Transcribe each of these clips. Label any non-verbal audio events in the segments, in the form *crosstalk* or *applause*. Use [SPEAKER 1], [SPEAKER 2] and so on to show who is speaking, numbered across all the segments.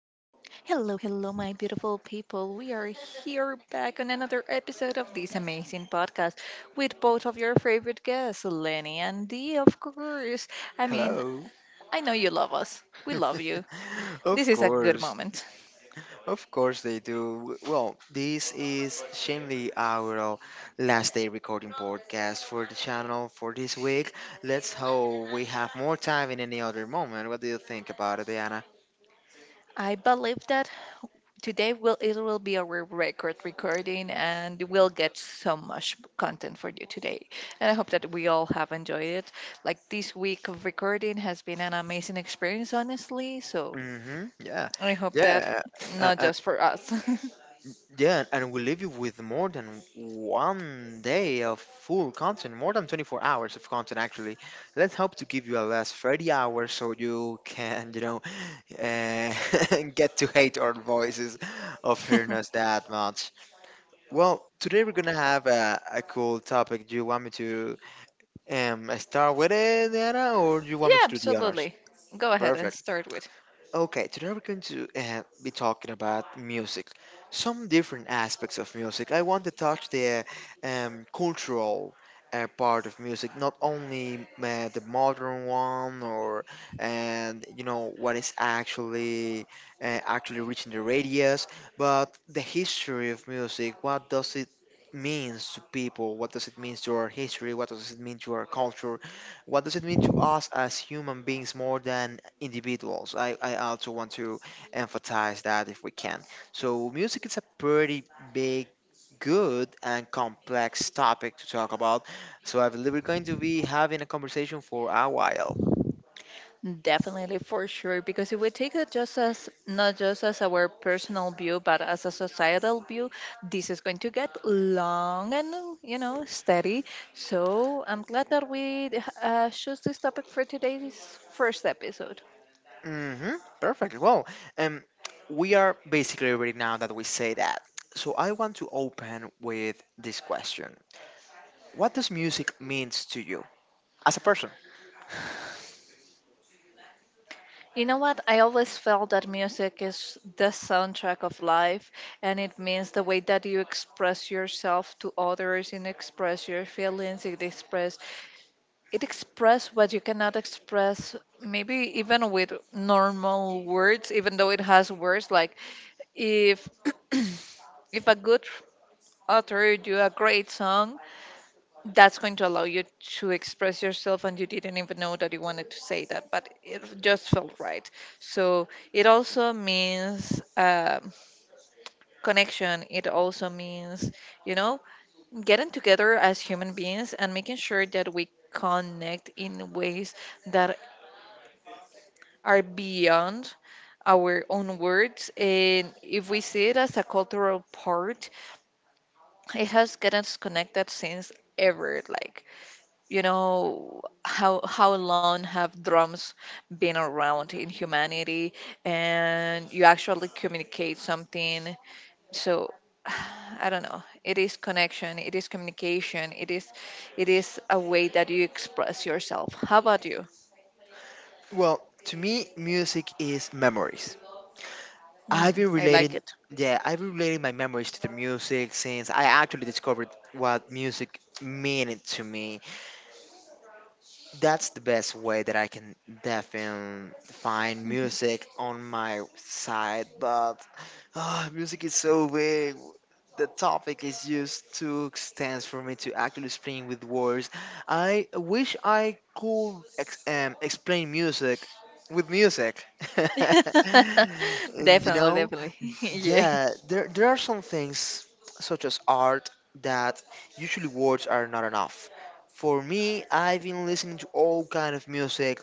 [SPEAKER 1] Hello, hello, my beautiful people. We are here back on another episode of this amazing podcast with both of your favorite guests, Lenny and Dee, of course. I mean,
[SPEAKER 2] Hello.
[SPEAKER 1] I know you love us. We love
[SPEAKER 2] *laughs*
[SPEAKER 1] you. This
[SPEAKER 2] Of
[SPEAKER 1] is a good
[SPEAKER 2] course.
[SPEAKER 1] moment.
[SPEAKER 2] Of course they do. Well, this is Shamely our last day recording podcast for the channel for this week. Let's hope we have more time in any other moment. What do you think about it, Diana?
[SPEAKER 1] I believe that today will be our record recording, and we'll get so much content for you today. And I hope that we all have enjoyed it. Like, this week of recording has been an amazing experience, honestly. So
[SPEAKER 2] Mm-hmm. Yeah.
[SPEAKER 1] I hope that
[SPEAKER 2] Yeah. Uh,
[SPEAKER 1] not
[SPEAKER 2] uh,
[SPEAKER 1] just for us.
[SPEAKER 2] Yeah, and we leave you with more than 1 day of full content, more than 24 hours of content actually. Let's hope to give you at least 30 hours so you can, uh, *laughs* get to hate our voices of
[SPEAKER 1] *laughs*
[SPEAKER 2] hearing
[SPEAKER 1] Yeah,
[SPEAKER 2] us that much. Well, today we're gonna have a cool topic. Do you want me to start with it, Anna, or do you want me to do the honors?
[SPEAKER 1] absolutely. Go ahead and
[SPEAKER 2] Perfect.
[SPEAKER 1] start with.
[SPEAKER 2] Okay, today we're going to be talking about music, some different aspects of music. I want to touch the cultural part of music, not only the modern one or and you know what is actually reaching the radius, but the history of music. What does it means to people? What does it mean to our history? What does it mean to our culture? What does it mean to us as human beings more than individuals? I also want to emphasize that if we can. So, music is a pretty big, good, and complex topic to talk about. So, I believe we're going to be having a conversation for a while.
[SPEAKER 1] Definitely, for sure, because if we take it just as not just as our personal view, but as a societal view, this is going to get long and, you know, steady. So I'm glad that we chose this topic for today's first episode.
[SPEAKER 2] Mm-hmm. Perfect. Well, um, we are basically ready now that we say that. So I want to open with this question. What does music means to you as a person?
[SPEAKER 1] You know what? I always felt that music is the soundtrack of life, and it means the way that you express yourself to others, and express your feelings. It express what you cannot express, maybe even with normal words, even though it has words. Like, if *clears throat* if a good author do a great song, that's going to allow you to express yourself, and you didn't even know that you wanted to say that, but it just felt right. So it also means, connection. It also means, you know, getting together as human beings and making sure that we connect in ways that are beyond our own words. And if we see it as a cultural part, it has gotten us connected since ever. Like, you know, how long have drums been around in humanity, and you actually communicate something. So *sighs* I don't know, it is connection, it is communication, it is a way that you express yourself. How about you?
[SPEAKER 2] Well, to me, music is memories. I've
[SPEAKER 1] Hmm,
[SPEAKER 2] been
[SPEAKER 1] I like
[SPEAKER 2] relating,
[SPEAKER 1] it.
[SPEAKER 2] yeah, I've been relating my memories to the music since I actually discovered what music meant to me. That's the best way that I can definitely find
[SPEAKER 1] Mhm.
[SPEAKER 2] music on my side, but music is so big. The topic is just too extensive for me to actually explain with words. I wish I could explain music with music. *laughs*
[SPEAKER 1] *laughs*
[SPEAKER 2] And you
[SPEAKER 1] definitely
[SPEAKER 2] know,
[SPEAKER 1] definitely *laughs* Yeah,
[SPEAKER 2] yeah, there are some things such as art that usually words are not enough. For me, I've been listening to all kind of music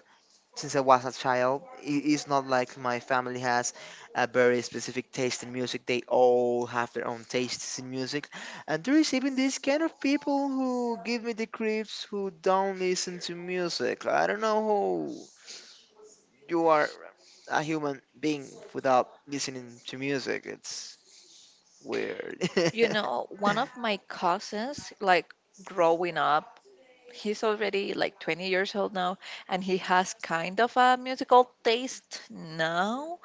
[SPEAKER 2] since I was a child. It is not like my family has a very specific taste in music. They all have their own tastes in music. And there is even this kind of people who give me the creeps who don't listen to music. I don't know who you are a human being without listening to music. It's weird. *laughs*
[SPEAKER 1] you know, one of my cousins, like, growing up, he's already like 20 years old now, and he has kind of a musical taste now,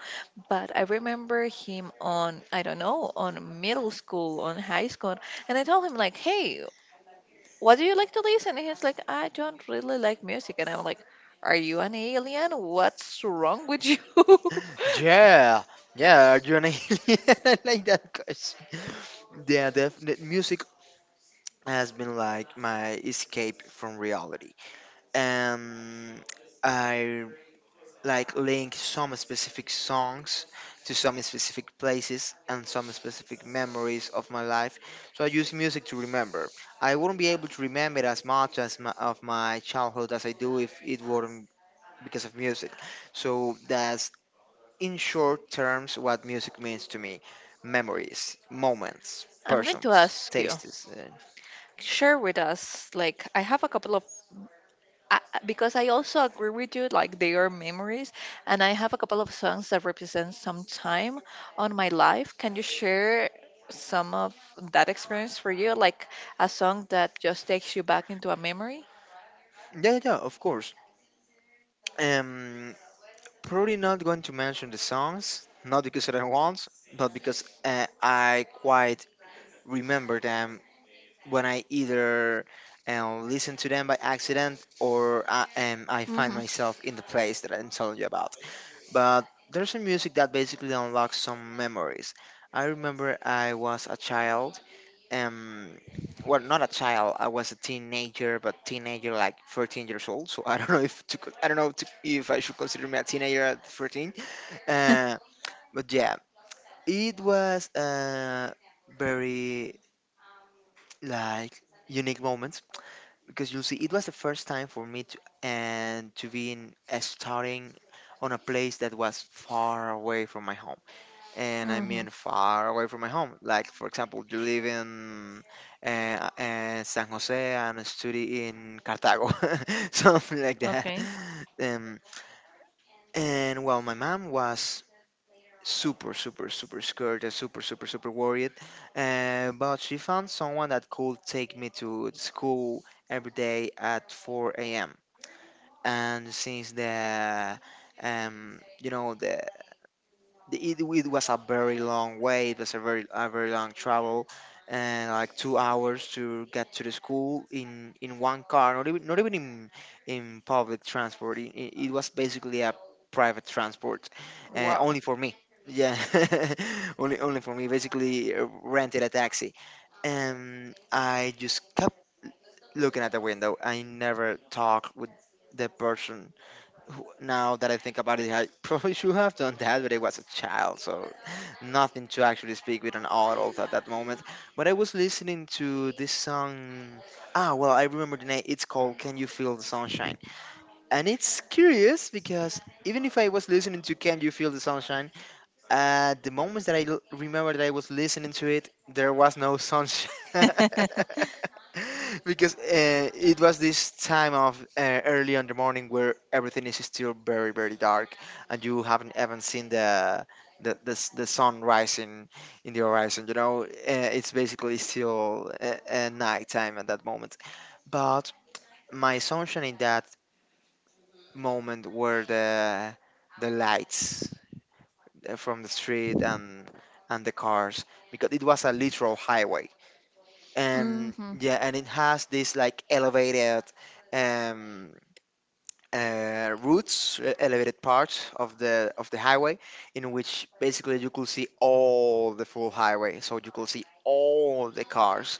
[SPEAKER 1] but I remember him on, I don't know, on middle school, on high school, and I told him like, hey, what do you like to listen? And he's like, I don't really like music. And I'm like, are you an alien? What's wrong with you? *laughs*
[SPEAKER 2] Yeah, yeah. Are you an alien? *laughs* I like that question. Yeah, definitely. Music has been like my escape from reality. Um, I like link some specific songs to some specific places and some specific memories of my life. So I use music to remember. I wouldn't be able to remember as much as of my childhood as I do if it weren't because of music. So that's in short terms, what music means to me: memories, moments,
[SPEAKER 1] I'm going to
[SPEAKER 2] persons,
[SPEAKER 1] ask you
[SPEAKER 2] tastes.
[SPEAKER 1] share with us, like, I have a couple of because I also agree with you, like they are memories, and I have a couple of songs that represent some time on my life. Can you share some of that experience for you, like a song that just takes you back into a memory?
[SPEAKER 2] Yeah, yeah, of course. Um, Probably not going to mention the songs, not because I don't want, but because I quite remember them when I either listen to them by accident or I find
[SPEAKER 1] Mm-hmm.
[SPEAKER 2] myself in the place that I'm telling you about. But there's a music that basically unlocks some memories. I remember I was a child, um well, not a child, I was a teenager, but teenager like 13 years old, so I don't know if to, co- I don't know to, if I should consider me a teenager at 13. uh,
[SPEAKER 1] *laughs*
[SPEAKER 2] but yeah, it was a very like unique moment, because you see it was the first time for me to and to be in starting on a place that was far away from my home. And I mean
[SPEAKER 1] Mm-hmm.
[SPEAKER 2] far away from my home. Like for example, you live in San Jose and study in Cartago, *laughs* something like that.
[SPEAKER 1] Okay.
[SPEAKER 2] Um, and well, my mom was super, super, super scared and super, super, super worried. But she found someone that could take me to school every day at 4 a.m. And since the you know it, it was a very long way. It was a very long travel, and like 2 hours to get to the school in one car. Not even in public transport. It was basically a private transport,
[SPEAKER 1] Wow.
[SPEAKER 2] only for me. Yeah, *laughs* only for me. Basically, rented a taxi, and I just kept looking at the window. I never talked with the person who- now that I think about it, I *laughs* probably should have done that, but I was a child, so nothing to actually speak with an adult at that moment. But I was listening to this song. Ah, well, I remember the name. It's called "Can You Feel the Sunshine," and it's curious because even if I was listening to "Can You Feel the Sunshine," the moments that remember that I was listening to it, there was no sunshine
[SPEAKER 1] *laughs*
[SPEAKER 2] *laughs* because it was this time of early in the morning where everything is still very very dark and you haven't even seen the sun rising in the horizon. You know, it's basically still nighttime at that moment. But my sunshine in that moment were the lights from the street and the cars, because it was a literal highway. And
[SPEAKER 1] Mm-hmm.
[SPEAKER 2] yeah, and it has this like elevated um, routes, elevated parts of the highway, in which basically you could see all the full highway. So you could see all the cars,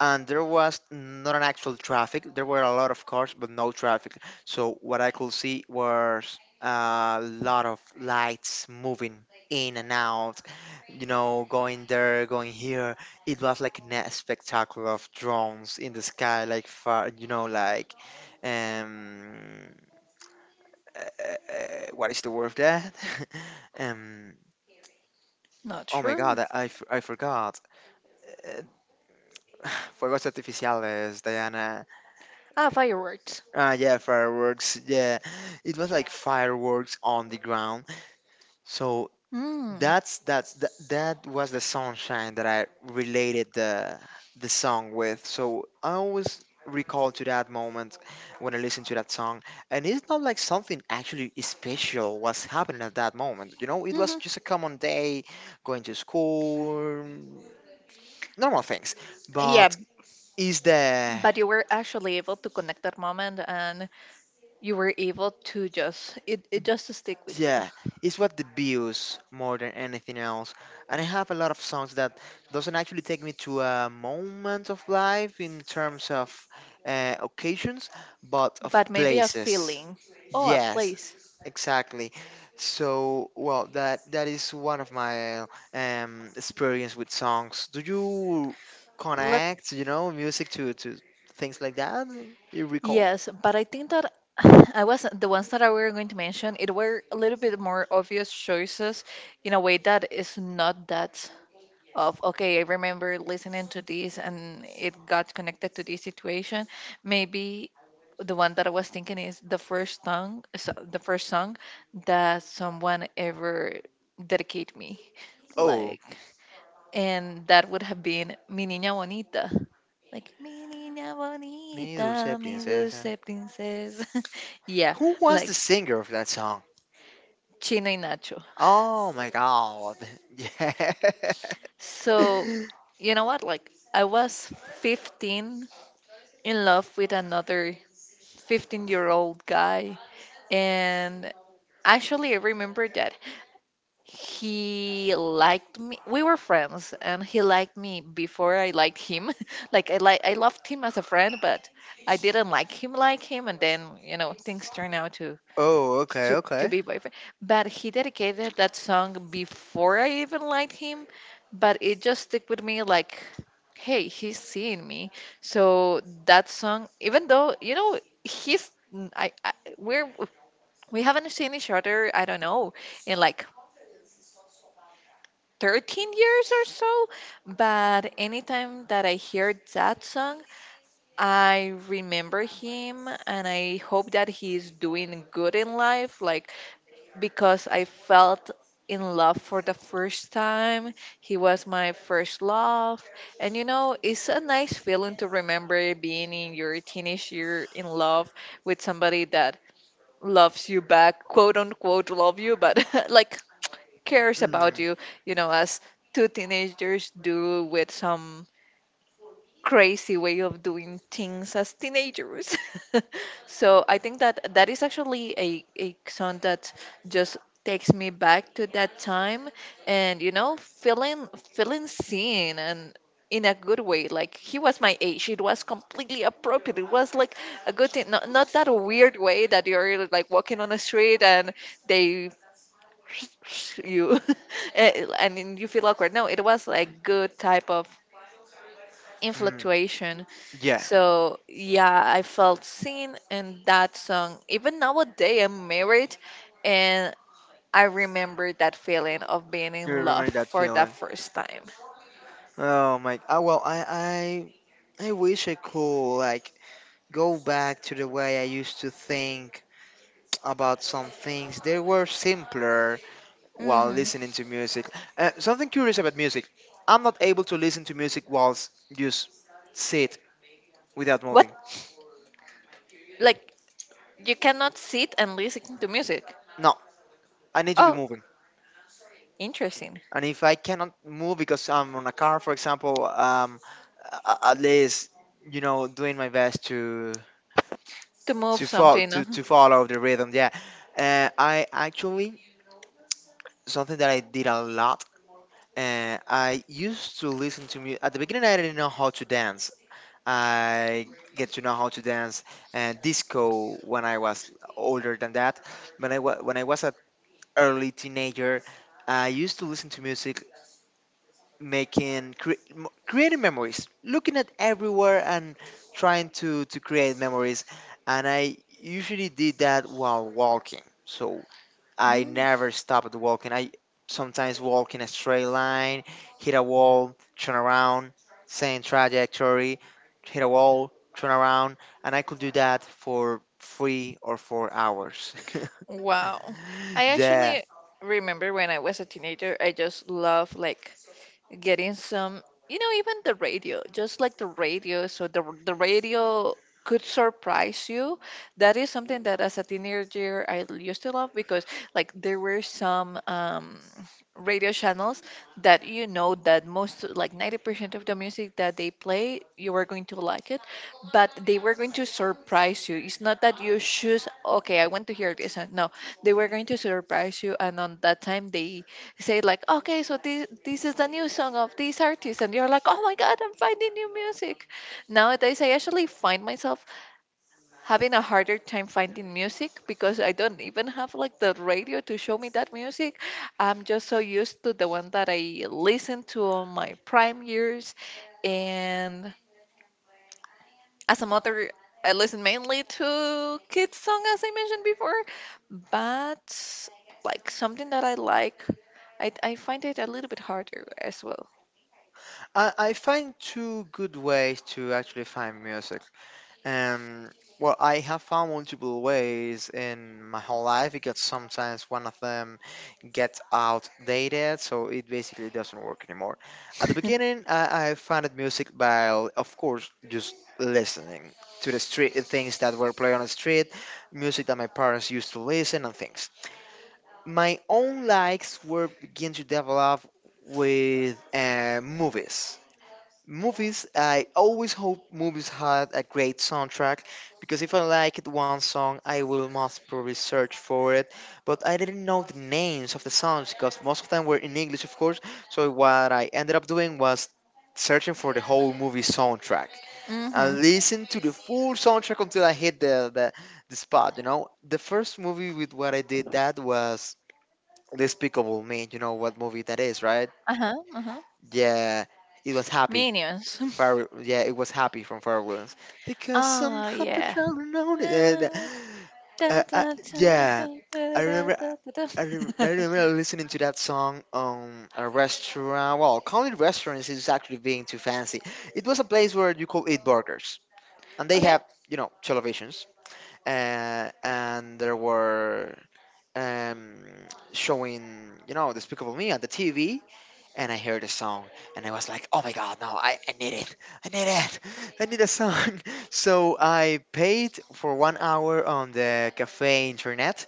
[SPEAKER 2] and there was not an actual traffic. There were a lot of cars, but no traffic. So what I could see was a lot of lights moving in and out, you know, going there, going here. It was like a spectacle of drones in the sky, like far, you know, like um, uh, what is the word of that? *laughs* um,
[SPEAKER 1] Not
[SPEAKER 2] oh my God,
[SPEAKER 1] sure.
[SPEAKER 2] I forgot. Uh, *sighs* Fuegos artificiales, Diana.
[SPEAKER 1] Ah, fireworks.
[SPEAKER 2] Ah, yeah, fireworks. Yeah, it was like fireworks on the ground. So
[SPEAKER 1] Mm.
[SPEAKER 2] that was the sunshine that I related the song with. So I always recall to that moment when I listen to that song, and it's not like something actually special was happening at that moment. You know, it was just
[SPEAKER 1] Mm-hmm.
[SPEAKER 2] a common day, going to school, normal things.
[SPEAKER 1] Yeah,
[SPEAKER 2] But is the
[SPEAKER 1] but you were actually able to connect that moment, and you were able to just it just stick with you.
[SPEAKER 2] Yeah, it's what debuts more than anything else. And I have a lot of songs that doesn't actually take me to a moment of life in terms of occasions, but of
[SPEAKER 1] But maybe a
[SPEAKER 2] places.
[SPEAKER 1] feeling. Oh, a
[SPEAKER 2] Yes,
[SPEAKER 1] place.
[SPEAKER 2] exactly. So, well, that is one of my experience with songs. Do you
[SPEAKER 1] Let
[SPEAKER 2] connect, you know, music to things like that? You recall?
[SPEAKER 1] yes, but I think that *sighs* I was the ones that I were going to mention. It were a little bit more obvious choices, in a way that is not that of okay. I remember listening to this and it got connected to this situation. Maybe the one that I was thinking is the first song, the first song that someone ever dedicated me,
[SPEAKER 2] Oh,
[SPEAKER 1] like. And that would have been Mi Niña Bonita. Like, Mi Niña
[SPEAKER 2] mi dulce
[SPEAKER 1] Bonita, mi
[SPEAKER 2] princesa.
[SPEAKER 1] dulce princesa. *laughs* Yeah,
[SPEAKER 2] Who was the
[SPEAKER 1] like,
[SPEAKER 2] singer of that song?
[SPEAKER 1] Chino y Nacho.
[SPEAKER 2] Oh my god. *laughs* Yeah.
[SPEAKER 1] So,
[SPEAKER 2] *laughs*
[SPEAKER 1] you know what? Like, I was 15, in love with another 15-year-old guy. And actually, I remember that he liked me, we were friends, and he liked me before I liked him. *laughs* Like, I I loved him as a friend, but I didn't like him like him. And then, you know, things turned out to
[SPEAKER 2] Oh, okay,
[SPEAKER 1] to
[SPEAKER 2] okay.
[SPEAKER 1] be boyfriend. But he dedicated that song before I even liked him, but it just stick with me like, hey, he's seeing me. So that song, even though, you know, he's I we're we haven't seen each other, I don't know, in like 13 years or so, but anytime that I hear that song, I remember him, and I hope that he's doing good in life. Like, because I felt in love for the first time. He was my first love. And, you know, it's a nice feeling to remember being in your teenage year in love with somebody that loves you back, quote unquote love you, but *laughs* like, cares about
[SPEAKER 2] Mm,
[SPEAKER 1] you, you know, as two teenagers do, with some crazy way of doing things as teenagers. *laughs* So I think that that is actually a song that just takes me back to that time. And, you know, feeling seen, and in a good way, like, he was my age, it was completely appropriate, it was like a good thing, not that weird way that you're like walking on the street and they *laughs* you *laughs* and you feel awkward. No, it was like good type of
[SPEAKER 2] mm.
[SPEAKER 1] influctuation.
[SPEAKER 2] Yeah,
[SPEAKER 1] So yeah, I felt seen in that song. Even nowadays, I'm married, and I remember that feeling of being
[SPEAKER 2] you
[SPEAKER 1] in love
[SPEAKER 2] remember that
[SPEAKER 1] for the
[SPEAKER 2] feeling.
[SPEAKER 1] first time.
[SPEAKER 2] Oh my. Oh, well, I wish I could like go back to the way I used to think about some things. They were simpler while
[SPEAKER 1] Hmm.
[SPEAKER 2] listening to music. Something curious about music. I'm not able to listen to music while just sit without
[SPEAKER 1] What?
[SPEAKER 2] moving.
[SPEAKER 1] Like, you cannot sit and listen to music?
[SPEAKER 2] No, I need to be
[SPEAKER 1] Oh,
[SPEAKER 2] moving.
[SPEAKER 1] interesting.
[SPEAKER 2] And if I cannot move because I'm on a car, for example, a- at least you know doing my best to
[SPEAKER 1] To move something on.
[SPEAKER 2] to follow the rhythm. Yeah, I actually something that I did a lot. I used to listen to music at the beginning. I didn't know how to dance. I get to know how to dance and disco when I was older than that. When I was an early teenager, I used to listen to music creating memories, looking at everywhere and trying to create memories, and I usually did that while walking. So I
[SPEAKER 1] Mm.
[SPEAKER 2] never stopped walking. I sometimes walk in a straight line, hit a wall, turn around, same trajectory, hit a wall, turn around, and I could do that for 3 or 4 hours.
[SPEAKER 1] Wow. I
[SPEAKER 2] *laughs* Yeah.
[SPEAKER 1] actually remember when I was a teenager, I just love, like, getting some, you know, even the radio, just like the radio, so the radio could surprise you. That is something that as a teenager I used to love, because like, there were some, radio channels that, you know, that most like 90% of the music that they play you were going to like it, but they were going to surprise you. It's not that you choose, okay, I want to hear this, no, they were going to surprise you. And on that time they say like, okay, so this is the new song of this artist, and you're like, oh my god, I'm finding new music. Nowadays, I actually find myself having a harder time finding music, because I don't even have like the radio to show me that music. I'm just so used to the one that I listened to on my prime years, and as a mother. I listen mainly to kids' song as I mentioned before, but like, something that I like, I find it a little bit harder as well.
[SPEAKER 2] I find two good ways to actually find music. Um, well, I have found multiple ways in my whole life because sometimes one of them gets outdated, so it basically doesn't work anymore. At the beginning, I found music by, of course, just listening to the street, things that were played on the street, music that my parents used to listen, and things. My own likes were begin to develop with movies. Movies, I always hope movies had a great soundtrack, because if I liked one song, I will most probably search for it. But I didn't know the names of the songs because most of them were in English, of course. So what I ended up doing was searching for the whole movie soundtrack
[SPEAKER 1] Mm-hmm.
[SPEAKER 2] and listen to the full soundtrack until I hit the spot, you know? The first movie with what I did that was Despicable Me. You know what movie that is, right?
[SPEAKER 1] Uh-huh. Uh-huh.
[SPEAKER 2] Yeah, it was Happy.
[SPEAKER 1] Minions. *laughs*
[SPEAKER 2] Pharrell, yeah, it was Happy from Pharrell Williams. Because I'm
[SPEAKER 1] Oh
[SPEAKER 2] happy
[SPEAKER 1] yeah.
[SPEAKER 2] traveling on it.
[SPEAKER 1] *laughs*
[SPEAKER 2] Uh, uh, yeah, I remember. I remember listening to that song on a restaurant. Well, calling it restaurants is actually being too fancy. It was a place where you could eat burgers, and they
[SPEAKER 1] Okay.
[SPEAKER 2] have, you know, televisions, and there were, um, showing, you know, Despicable Me on the TV, and I heard the song, and I was like, "Oh my god, no! I need it! I need it! I need a song!" *laughs* So I paid for 1 hour on the cafe internet,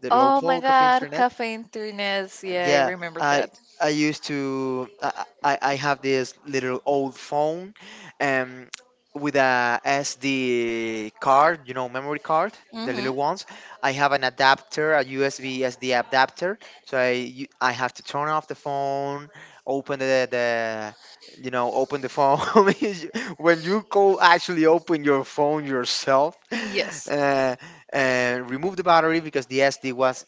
[SPEAKER 2] the
[SPEAKER 1] Oh my
[SPEAKER 2] local cafe
[SPEAKER 1] god,
[SPEAKER 2] internet,
[SPEAKER 1] caffeine thrillers. Yeah, I
[SPEAKER 2] yeah,
[SPEAKER 1] remember
[SPEAKER 2] I
[SPEAKER 1] that.
[SPEAKER 2] I used to I have this little old phone, um, with a SD card, you know, memory card, the
[SPEAKER 1] Mm-hmm.
[SPEAKER 2] little ones. I have an adapter, a USB SD adapter, so I have to turn off the phone, open the you know, open the phone. *laughs* When you go actually open your phone yourself. *laughs*
[SPEAKER 1] Yes.
[SPEAKER 2] Uh, and remove the battery because the SD was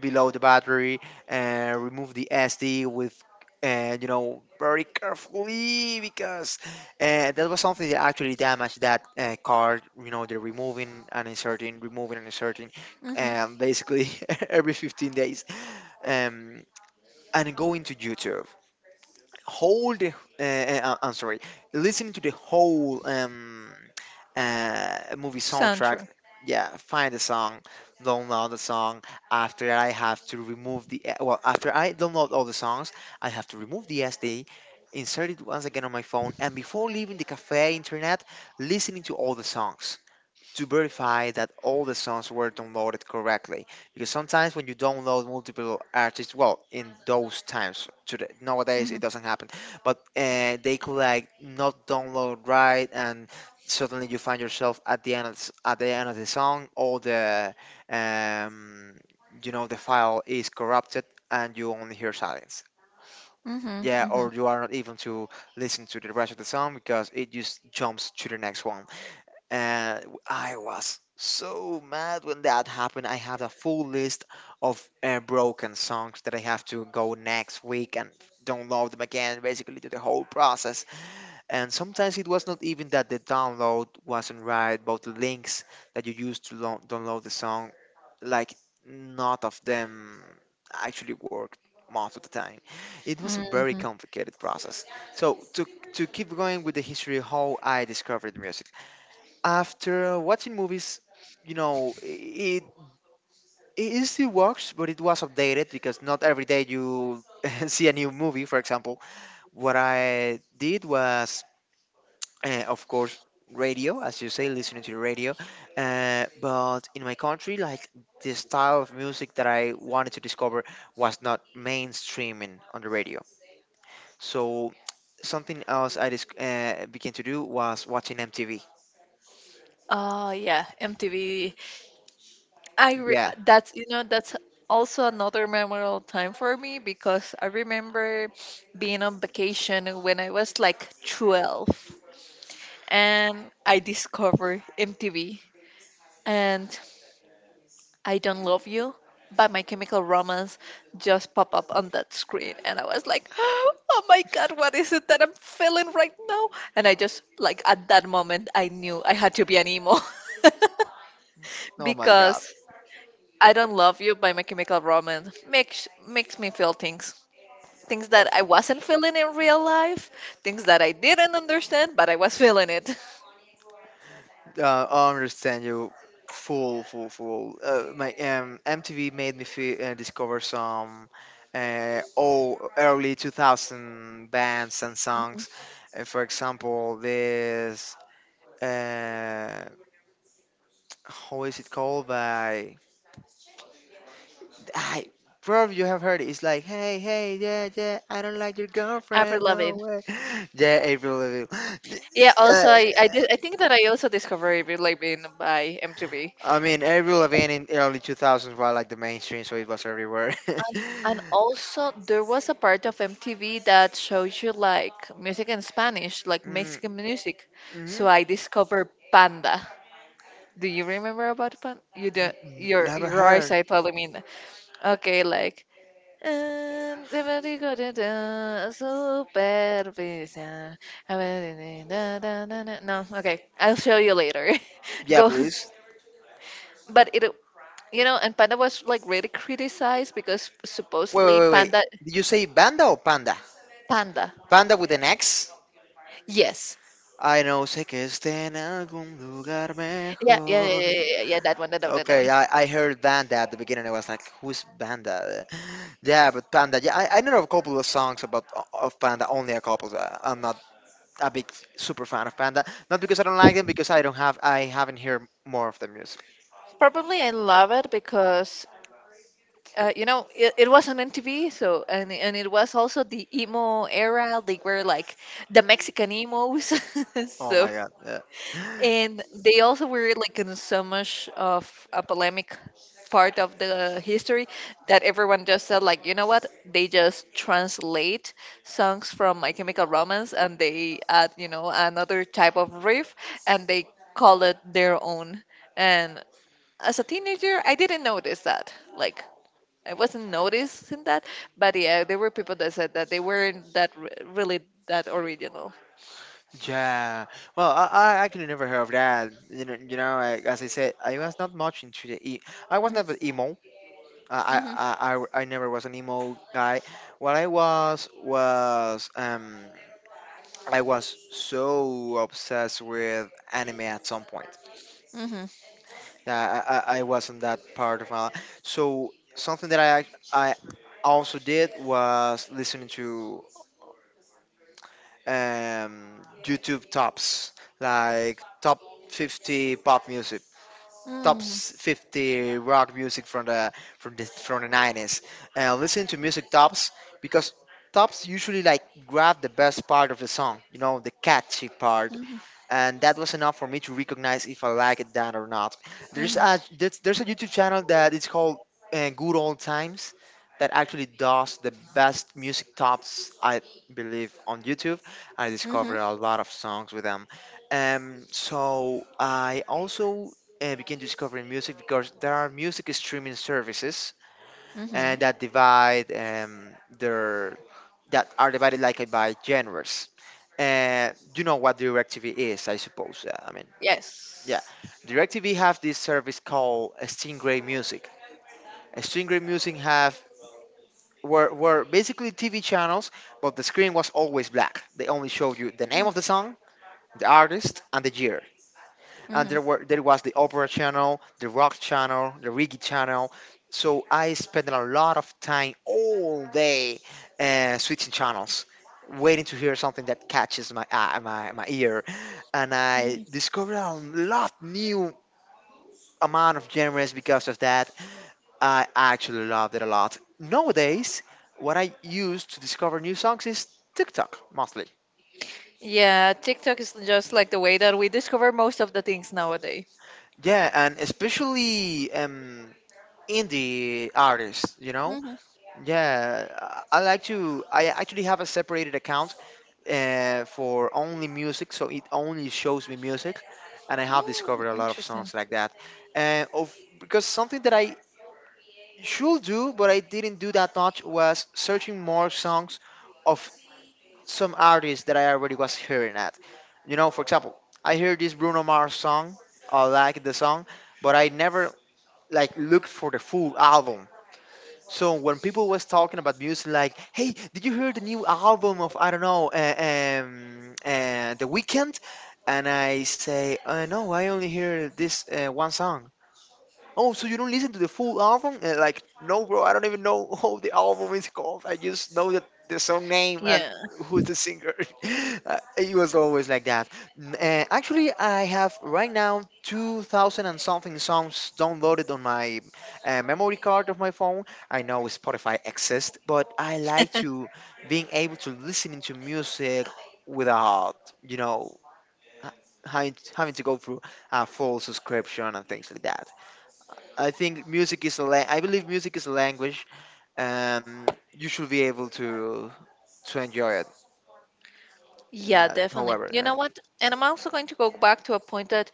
[SPEAKER 2] below the battery and remove the SD with, and you know, very carefully because, that was something that actually damaged that card, you know, they're removing and inserting, removing and inserting,
[SPEAKER 1] Mm-hmm.
[SPEAKER 2] basically, *laughs* every 15 days, um, and go into youtube whole the I'm sorry, listening to the whole movie soundtrack.
[SPEAKER 1] Soundtrack.
[SPEAKER 2] Yeah, find the song, download the song. After I have to remove the well, after I download all the songs, I have to remove the SD, insert it once again on my phone, and before leaving the cafe internet, listening to all the songs to verify that all the songs were downloaded correctly. Because sometimes when you download multiple artists, well, in those times, today, nowadays
[SPEAKER 1] Mm-hmm.
[SPEAKER 2] it doesn't happen, but they could like not download right, and suddenly you find yourself at the end of, at the end of the song all the, um, you know, the file is corrupted and you only hear silence,
[SPEAKER 1] Mm-hmm.
[SPEAKER 2] yeah,
[SPEAKER 1] Mm-hmm.
[SPEAKER 2] or you are not even to listen to the rest of the song because it just jumps to the next one, and I was so mad when that happened. I have a full list of broken songs that I have to go next week and download them again, basically do the whole process. And sometimes it was not even that the download wasn't right, but the links that you used to download the song, like not of them actually worked most of the time. It was a very
[SPEAKER 1] Mm-hmm.
[SPEAKER 2] complicated process. So to keep going with the history of how I discovered music after watching movies, you know, it still works, but it was updated because not every day you *laughs* see a new movie, for example. What I did was, of course, radio, as you say, listening to the radio. But in my country, like the style of music that I wanted to discover was not mainstreaming on the radio. So something else began to do was watching MTV.
[SPEAKER 1] Oh yeah, MTV. I re-
[SPEAKER 2] Yeah.
[SPEAKER 1] that's, you know, that's also another memorable time for me, because I remember being on vacation when I was like 12, and I discovered MTV, and I Don't Love You by My Chemical Romance just pop up on that screen, and I was like *gasps* oh my god, what is it that I'm feeling right now? And I just like, at that moment I knew I had to be an emo. *laughs*
[SPEAKER 2] Oh my God.
[SPEAKER 1] Because I Don't Love You by My Chemical Romance makes me feel things. Things that I wasn't feeling in real life, things that I didn't understand, but I was feeling it.
[SPEAKER 2] I understand you full, full, full. My MTV made me feel, discover some oh, early 2000 bands and songs.
[SPEAKER 1] *laughs*
[SPEAKER 2] For example, this, uh, how is it called by, I probably you have heard it. It's like hey, hey, yeah, yeah. I don't like your
[SPEAKER 1] After
[SPEAKER 2] girlfriend, no
[SPEAKER 1] loving.
[SPEAKER 2] way. *laughs* Yeah, April Lavigne. *laughs*
[SPEAKER 1] Yeah,
[SPEAKER 2] Uh,
[SPEAKER 1] also I did I think that I also discovered Avril Lavigne by MTV.
[SPEAKER 2] I mean, Avril Lavigne in early 2000s was like the mainstream, so it was everywhere. *laughs*
[SPEAKER 1] And and also there was a part of MTV that shows you like music in Spanish, like,
[SPEAKER 2] Mhm.
[SPEAKER 1] Mexican music. So
[SPEAKER 2] N-
[SPEAKER 1] I discovered Panda. Do you remember about Panda? You do,
[SPEAKER 2] Never
[SPEAKER 1] your eyes
[SPEAKER 2] heard.
[SPEAKER 1] are telling me. Okay, like, and the very good, supervision. I mean, da, da, da, da. No, okay, I'll show you later. *laughs*
[SPEAKER 2] Yeah,
[SPEAKER 1] Go,
[SPEAKER 2] please.
[SPEAKER 1] but it, you know, and Panda was like really criticized because
[SPEAKER 2] Wait, wait,
[SPEAKER 1] supposedly
[SPEAKER 2] wait, wait.
[SPEAKER 1] Panda,
[SPEAKER 2] Did you say banda or panda?
[SPEAKER 1] Panda,
[SPEAKER 2] Panda with an X?
[SPEAKER 1] yes,
[SPEAKER 2] I know, sé que esté en algún lugar
[SPEAKER 1] yeah, yeah, yeah,
[SPEAKER 2] mejor.
[SPEAKER 1] yeah, yeah, yeah, that one, that one, that
[SPEAKER 2] Okay,
[SPEAKER 1] one.
[SPEAKER 2] I heard banda at the beginning. I was like, who's banda? *laughs* Yeah, but panda. Yeah, I know a couple of songs about of panda. Only a couple. I'm not a big super fan of Panda. Not because I don't like them, because I haven't heard more of their music.
[SPEAKER 1] Probably I love it because. You know, it was on MTV, so and it was also the emo era. They were like the Mexican emos. *laughs*
[SPEAKER 2] Oh
[SPEAKER 1] So,
[SPEAKER 2] my god. Yeah. *gasps*
[SPEAKER 1] and they also were like in so much of a polemic part of the history, that everyone just said like, you know what, they just translate songs from My Chemical Romance, and they add, you know, another type of riff, and they call it their own. And as a teenager I didn't notice that, like, I wasn't noticing that, but yeah, there were people that said that they weren't that really that original.
[SPEAKER 2] Yeah. Well, I actually never heard of that. You know, I, as I said, I was not much into the e. I was never emo.
[SPEAKER 1] Mhm,
[SPEAKER 2] I never was an emo guy. What I was I was so obsessed with anime at some point.
[SPEAKER 1] mhm, mhm,
[SPEAKER 2] Yeah, I wasn't that part of my life. So something that I also did was listening to YouTube tops, like top 50 pop music,
[SPEAKER 1] mhm,
[SPEAKER 2] 50 rock music from the from the from the 90s, and listening to music tops because tops usually like grab the best part of the song, you know, the catchy part,
[SPEAKER 1] mhm,
[SPEAKER 2] and that was enough for me to recognize if I like that or not.
[SPEAKER 1] mhm,
[SPEAKER 2] There's a YouTube channel that it's called, Good Old Times, that actually does the best music tops I believe on YouTube. I
[SPEAKER 1] Mm-hmm.
[SPEAKER 2] discovered a lot of songs with them. So I also began discovering music because there are music streaming services
[SPEAKER 1] Mm-hmm.
[SPEAKER 2] and that divide their that are divided like by genres. You know what DirecTV is, I suppose. I mean, yeah,
[SPEAKER 1] Yes.
[SPEAKER 2] DirecTV have this service called Stingray Music. Stingray Music have were basically TV channels, but the screen was always black. They only showed you the name of the song, the artist, and the year. And
[SPEAKER 1] Mm-hmm.
[SPEAKER 2] there was the opera channel, the rock channel, the reggae channel. So I spent a lot of time all day, switching channels, waiting to hear something that catches my eye, my ear, and I
[SPEAKER 1] Mm-hmm.
[SPEAKER 2] discovered a lot new amount of genres because of that. I actually loved it a lot. Nowadays, what I use to discover new songs is TikTok mostly.
[SPEAKER 1] Yeah, TikTok is just like the way that we discover most of the things nowadays.
[SPEAKER 2] Yeah, and especially indie artists, you know.
[SPEAKER 1] Mm-hmm.
[SPEAKER 2] Yeah, I like to. I actually have a separated account for only music, so it only shows me music, and I have
[SPEAKER 1] Mm,
[SPEAKER 2] discovered a lot of
[SPEAKER 1] interesting.
[SPEAKER 2] songs like that. And of because something that I should do, but I didn't do that much, was searching more songs of some artists that I already was hearing at. You know, for example, I hear this Bruno Mars song, I like the song, but I never like looked for the full album. So when people was talking about music, like, "Hey, did you hear the new album of I don't know, The Weeknd?" And I say, "No, I only hear this one song." Oh, so you don't listen to the full album? And like, no, bro, I don't even know *laughs* how the album is called. I just know that the song name and
[SPEAKER 1] Yeah.
[SPEAKER 2] who's the singer. *laughs* It was always like that. Actually, I have right now 2,000 and something songs downloaded on my memory card of my phone. I know Spotify exists, but I like to
[SPEAKER 1] *laughs*
[SPEAKER 2] being able to listen to music without, you know, ha- having to go through a full subscription and things like that. I believe music is a language, and you should be able to enjoy it.
[SPEAKER 1] Yeah,
[SPEAKER 2] Uh,
[SPEAKER 1] definitely.
[SPEAKER 2] however,
[SPEAKER 1] You
[SPEAKER 2] uh,
[SPEAKER 1] know what? And I'm also going to go back to a point that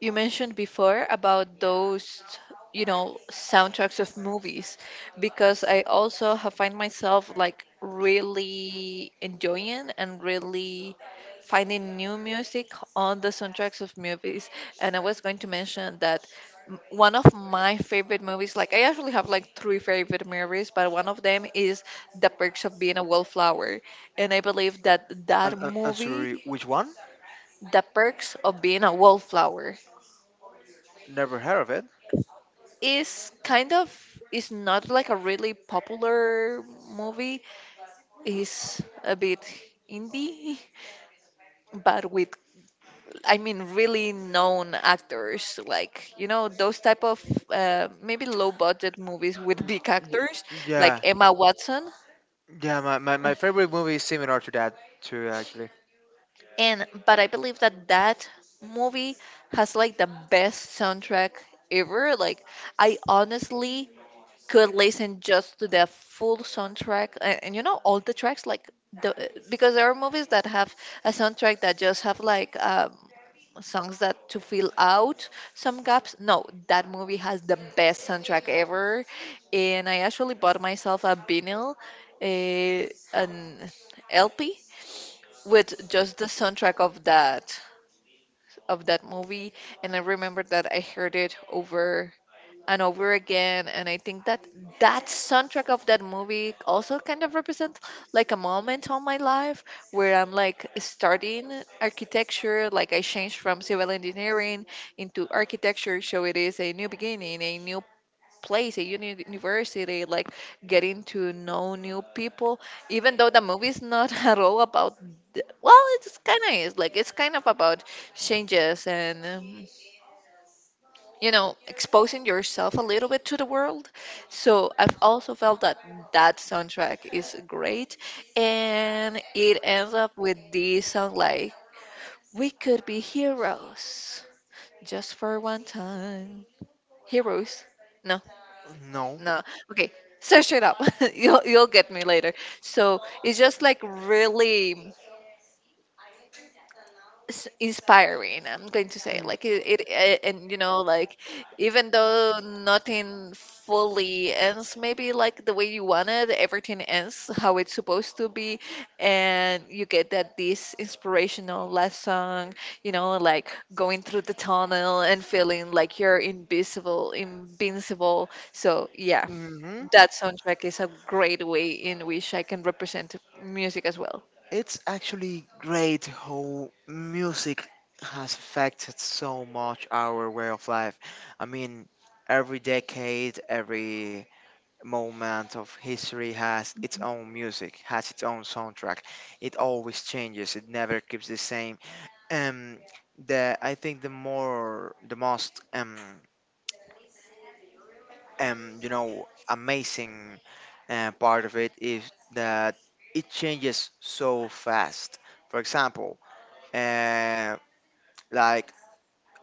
[SPEAKER 1] you mentioned before about those soundtracks of movies, because I also have find myself like really enjoying and really finding new music on the soundtracks of movies. And I was going to mention that, one of my favorite movies, like, I actually have like three favorite movies, but one of them is The Perks of Being a Wallflower. And I believe that that
[SPEAKER 2] I'm sorry,
[SPEAKER 1] movie,
[SPEAKER 2] which one?
[SPEAKER 1] The Perks of Being a Wallflower,
[SPEAKER 2] Never heard of it.
[SPEAKER 1] is kind of is not like a really popular movie. It's a bit indie, *laughs* but with, I mean, really known actors, like those type of maybe low budget movies with big actors, like
[SPEAKER 2] Yeah,
[SPEAKER 1] Emma Watson.
[SPEAKER 2] yeah. My favorite movie is similar to that too, actually.
[SPEAKER 1] And but I believe that that movie has like the best soundtrack ever. Like, I honestly could listen just to the full soundtrack, and you know all the tracks, like the because there are movies that have a soundtrack that just have like songs that to fill out some gaps. No, that movie has the best soundtrack ever. And I actually bought myself a vinyl, an LP, with just the soundtrack of that movie. And I remember that I heard it over and over again, and I think that that soundtrack of that movie also kind of represents like a moment on my life where I'm like starting architecture. Like, I changed from civil engineering into architecture, so it is a new beginning, a new place, a university, like getting to know new people. Even though the movie is not *laughs* at all about, well, it's kind of about changes and, exposing yourself a little bit to the world. So I've also felt that that soundtrack is great, and it ends up with this song like, we could be heroes, just for one time, heroes. No.
[SPEAKER 2] No.
[SPEAKER 1] No. Okay, search it up. *laughs* You'll get me later. So it's just like really inspiring, I'm going to say. Like, it and, like, even though nothing fully ends maybe like the way you wanted, everything ends how it's supposed to be, and you get that this inspirational last song, you know, like going through the tunnel and feeling like you're invisible invincible. So yeah,
[SPEAKER 2] Mm-hmm.
[SPEAKER 1] that soundtrack is a great way in which I can represent music as well.
[SPEAKER 2] It's actually great how music has affected so much our way of life. I mean, every decade, every moment of history has its own music, has its own soundtrack. It always changes. It never keeps the same. Um, the I think the most you know amazing part of it is that it changes so fast. For example, uh, like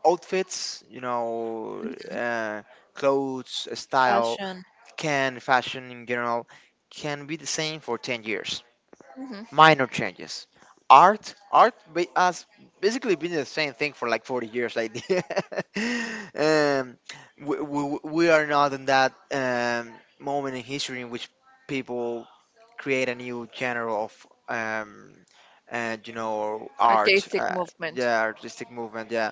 [SPEAKER 2] outfits, you know, clothes, style,
[SPEAKER 1] Fashion.
[SPEAKER 2] can fashion in general can be the same for 10 years, minor changes. Has basically been the same thing for like 40 years. Like, *laughs* um, we are not in that moment in history in which people create a new genre of, um, you know, art.
[SPEAKER 1] Artistic movement.
[SPEAKER 2] Yeah, artistic movement. Yeah,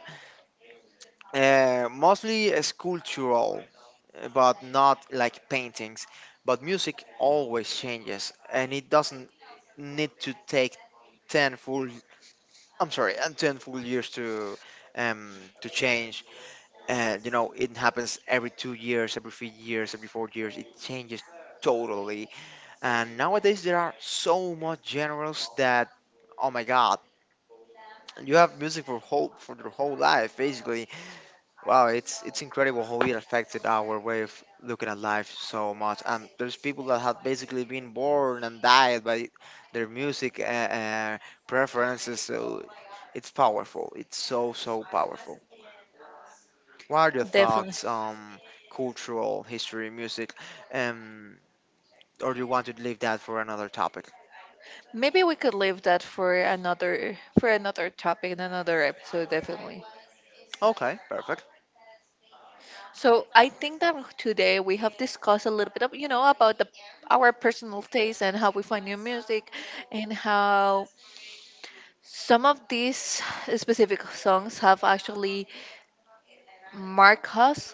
[SPEAKER 2] mostly sculptural, but not like paintings. But music always changes, and it doesn't need to take ten full ten full years to change. And you know, it happens every 2 years, every 3 years, every 4 years. It changes totally. And nowadays there are so much genres that oh my god, you have music for whole for your whole life basically. Wow, it's incredible how it affected our way of looking at life so much. And there's people that have basically been born and died by their music preferences. So it's powerful. It's so so powerful. What are your
[SPEAKER 1] Definitely.
[SPEAKER 2] thoughts on cultural history, music, um, or do you want to leave that for another topic?
[SPEAKER 1] Maybe we could leave that for another topic in another episode. Definitely.
[SPEAKER 2] Okay, perfect.
[SPEAKER 1] So I think that today we have discussed a little bit of, about the our personal taste and how we find new music, and how some of these specific songs have actually marked us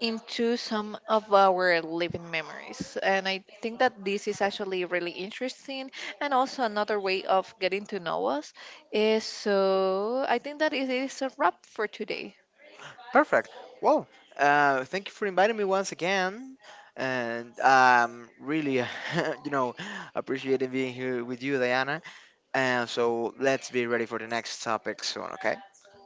[SPEAKER 1] into some of our living memories. And I think that this is actually really interesting. And also, another way of getting to know us is so, I think that it is a wrap for today.
[SPEAKER 2] Perfect. Well, thank you for inviting me once again, and really, *laughs* you know, appreciating being here with you, Diana. And so let's be ready for the next topic soon. Okay.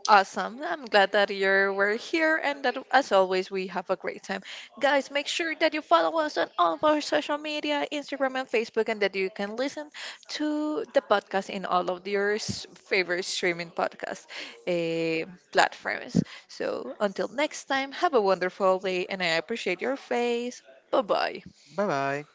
[SPEAKER 1] Awesome. I'm glad that you were here and that, as always, we have a great time. Guys, make sure that you follow us on all of our social media, Instagram and Facebook, and that you can listen to the podcast in all of your favorite streaming podcast, eh, platforms. So, until next time, have a wonderful day, and I appreciate your face. Bye bye.
[SPEAKER 2] Bye bye.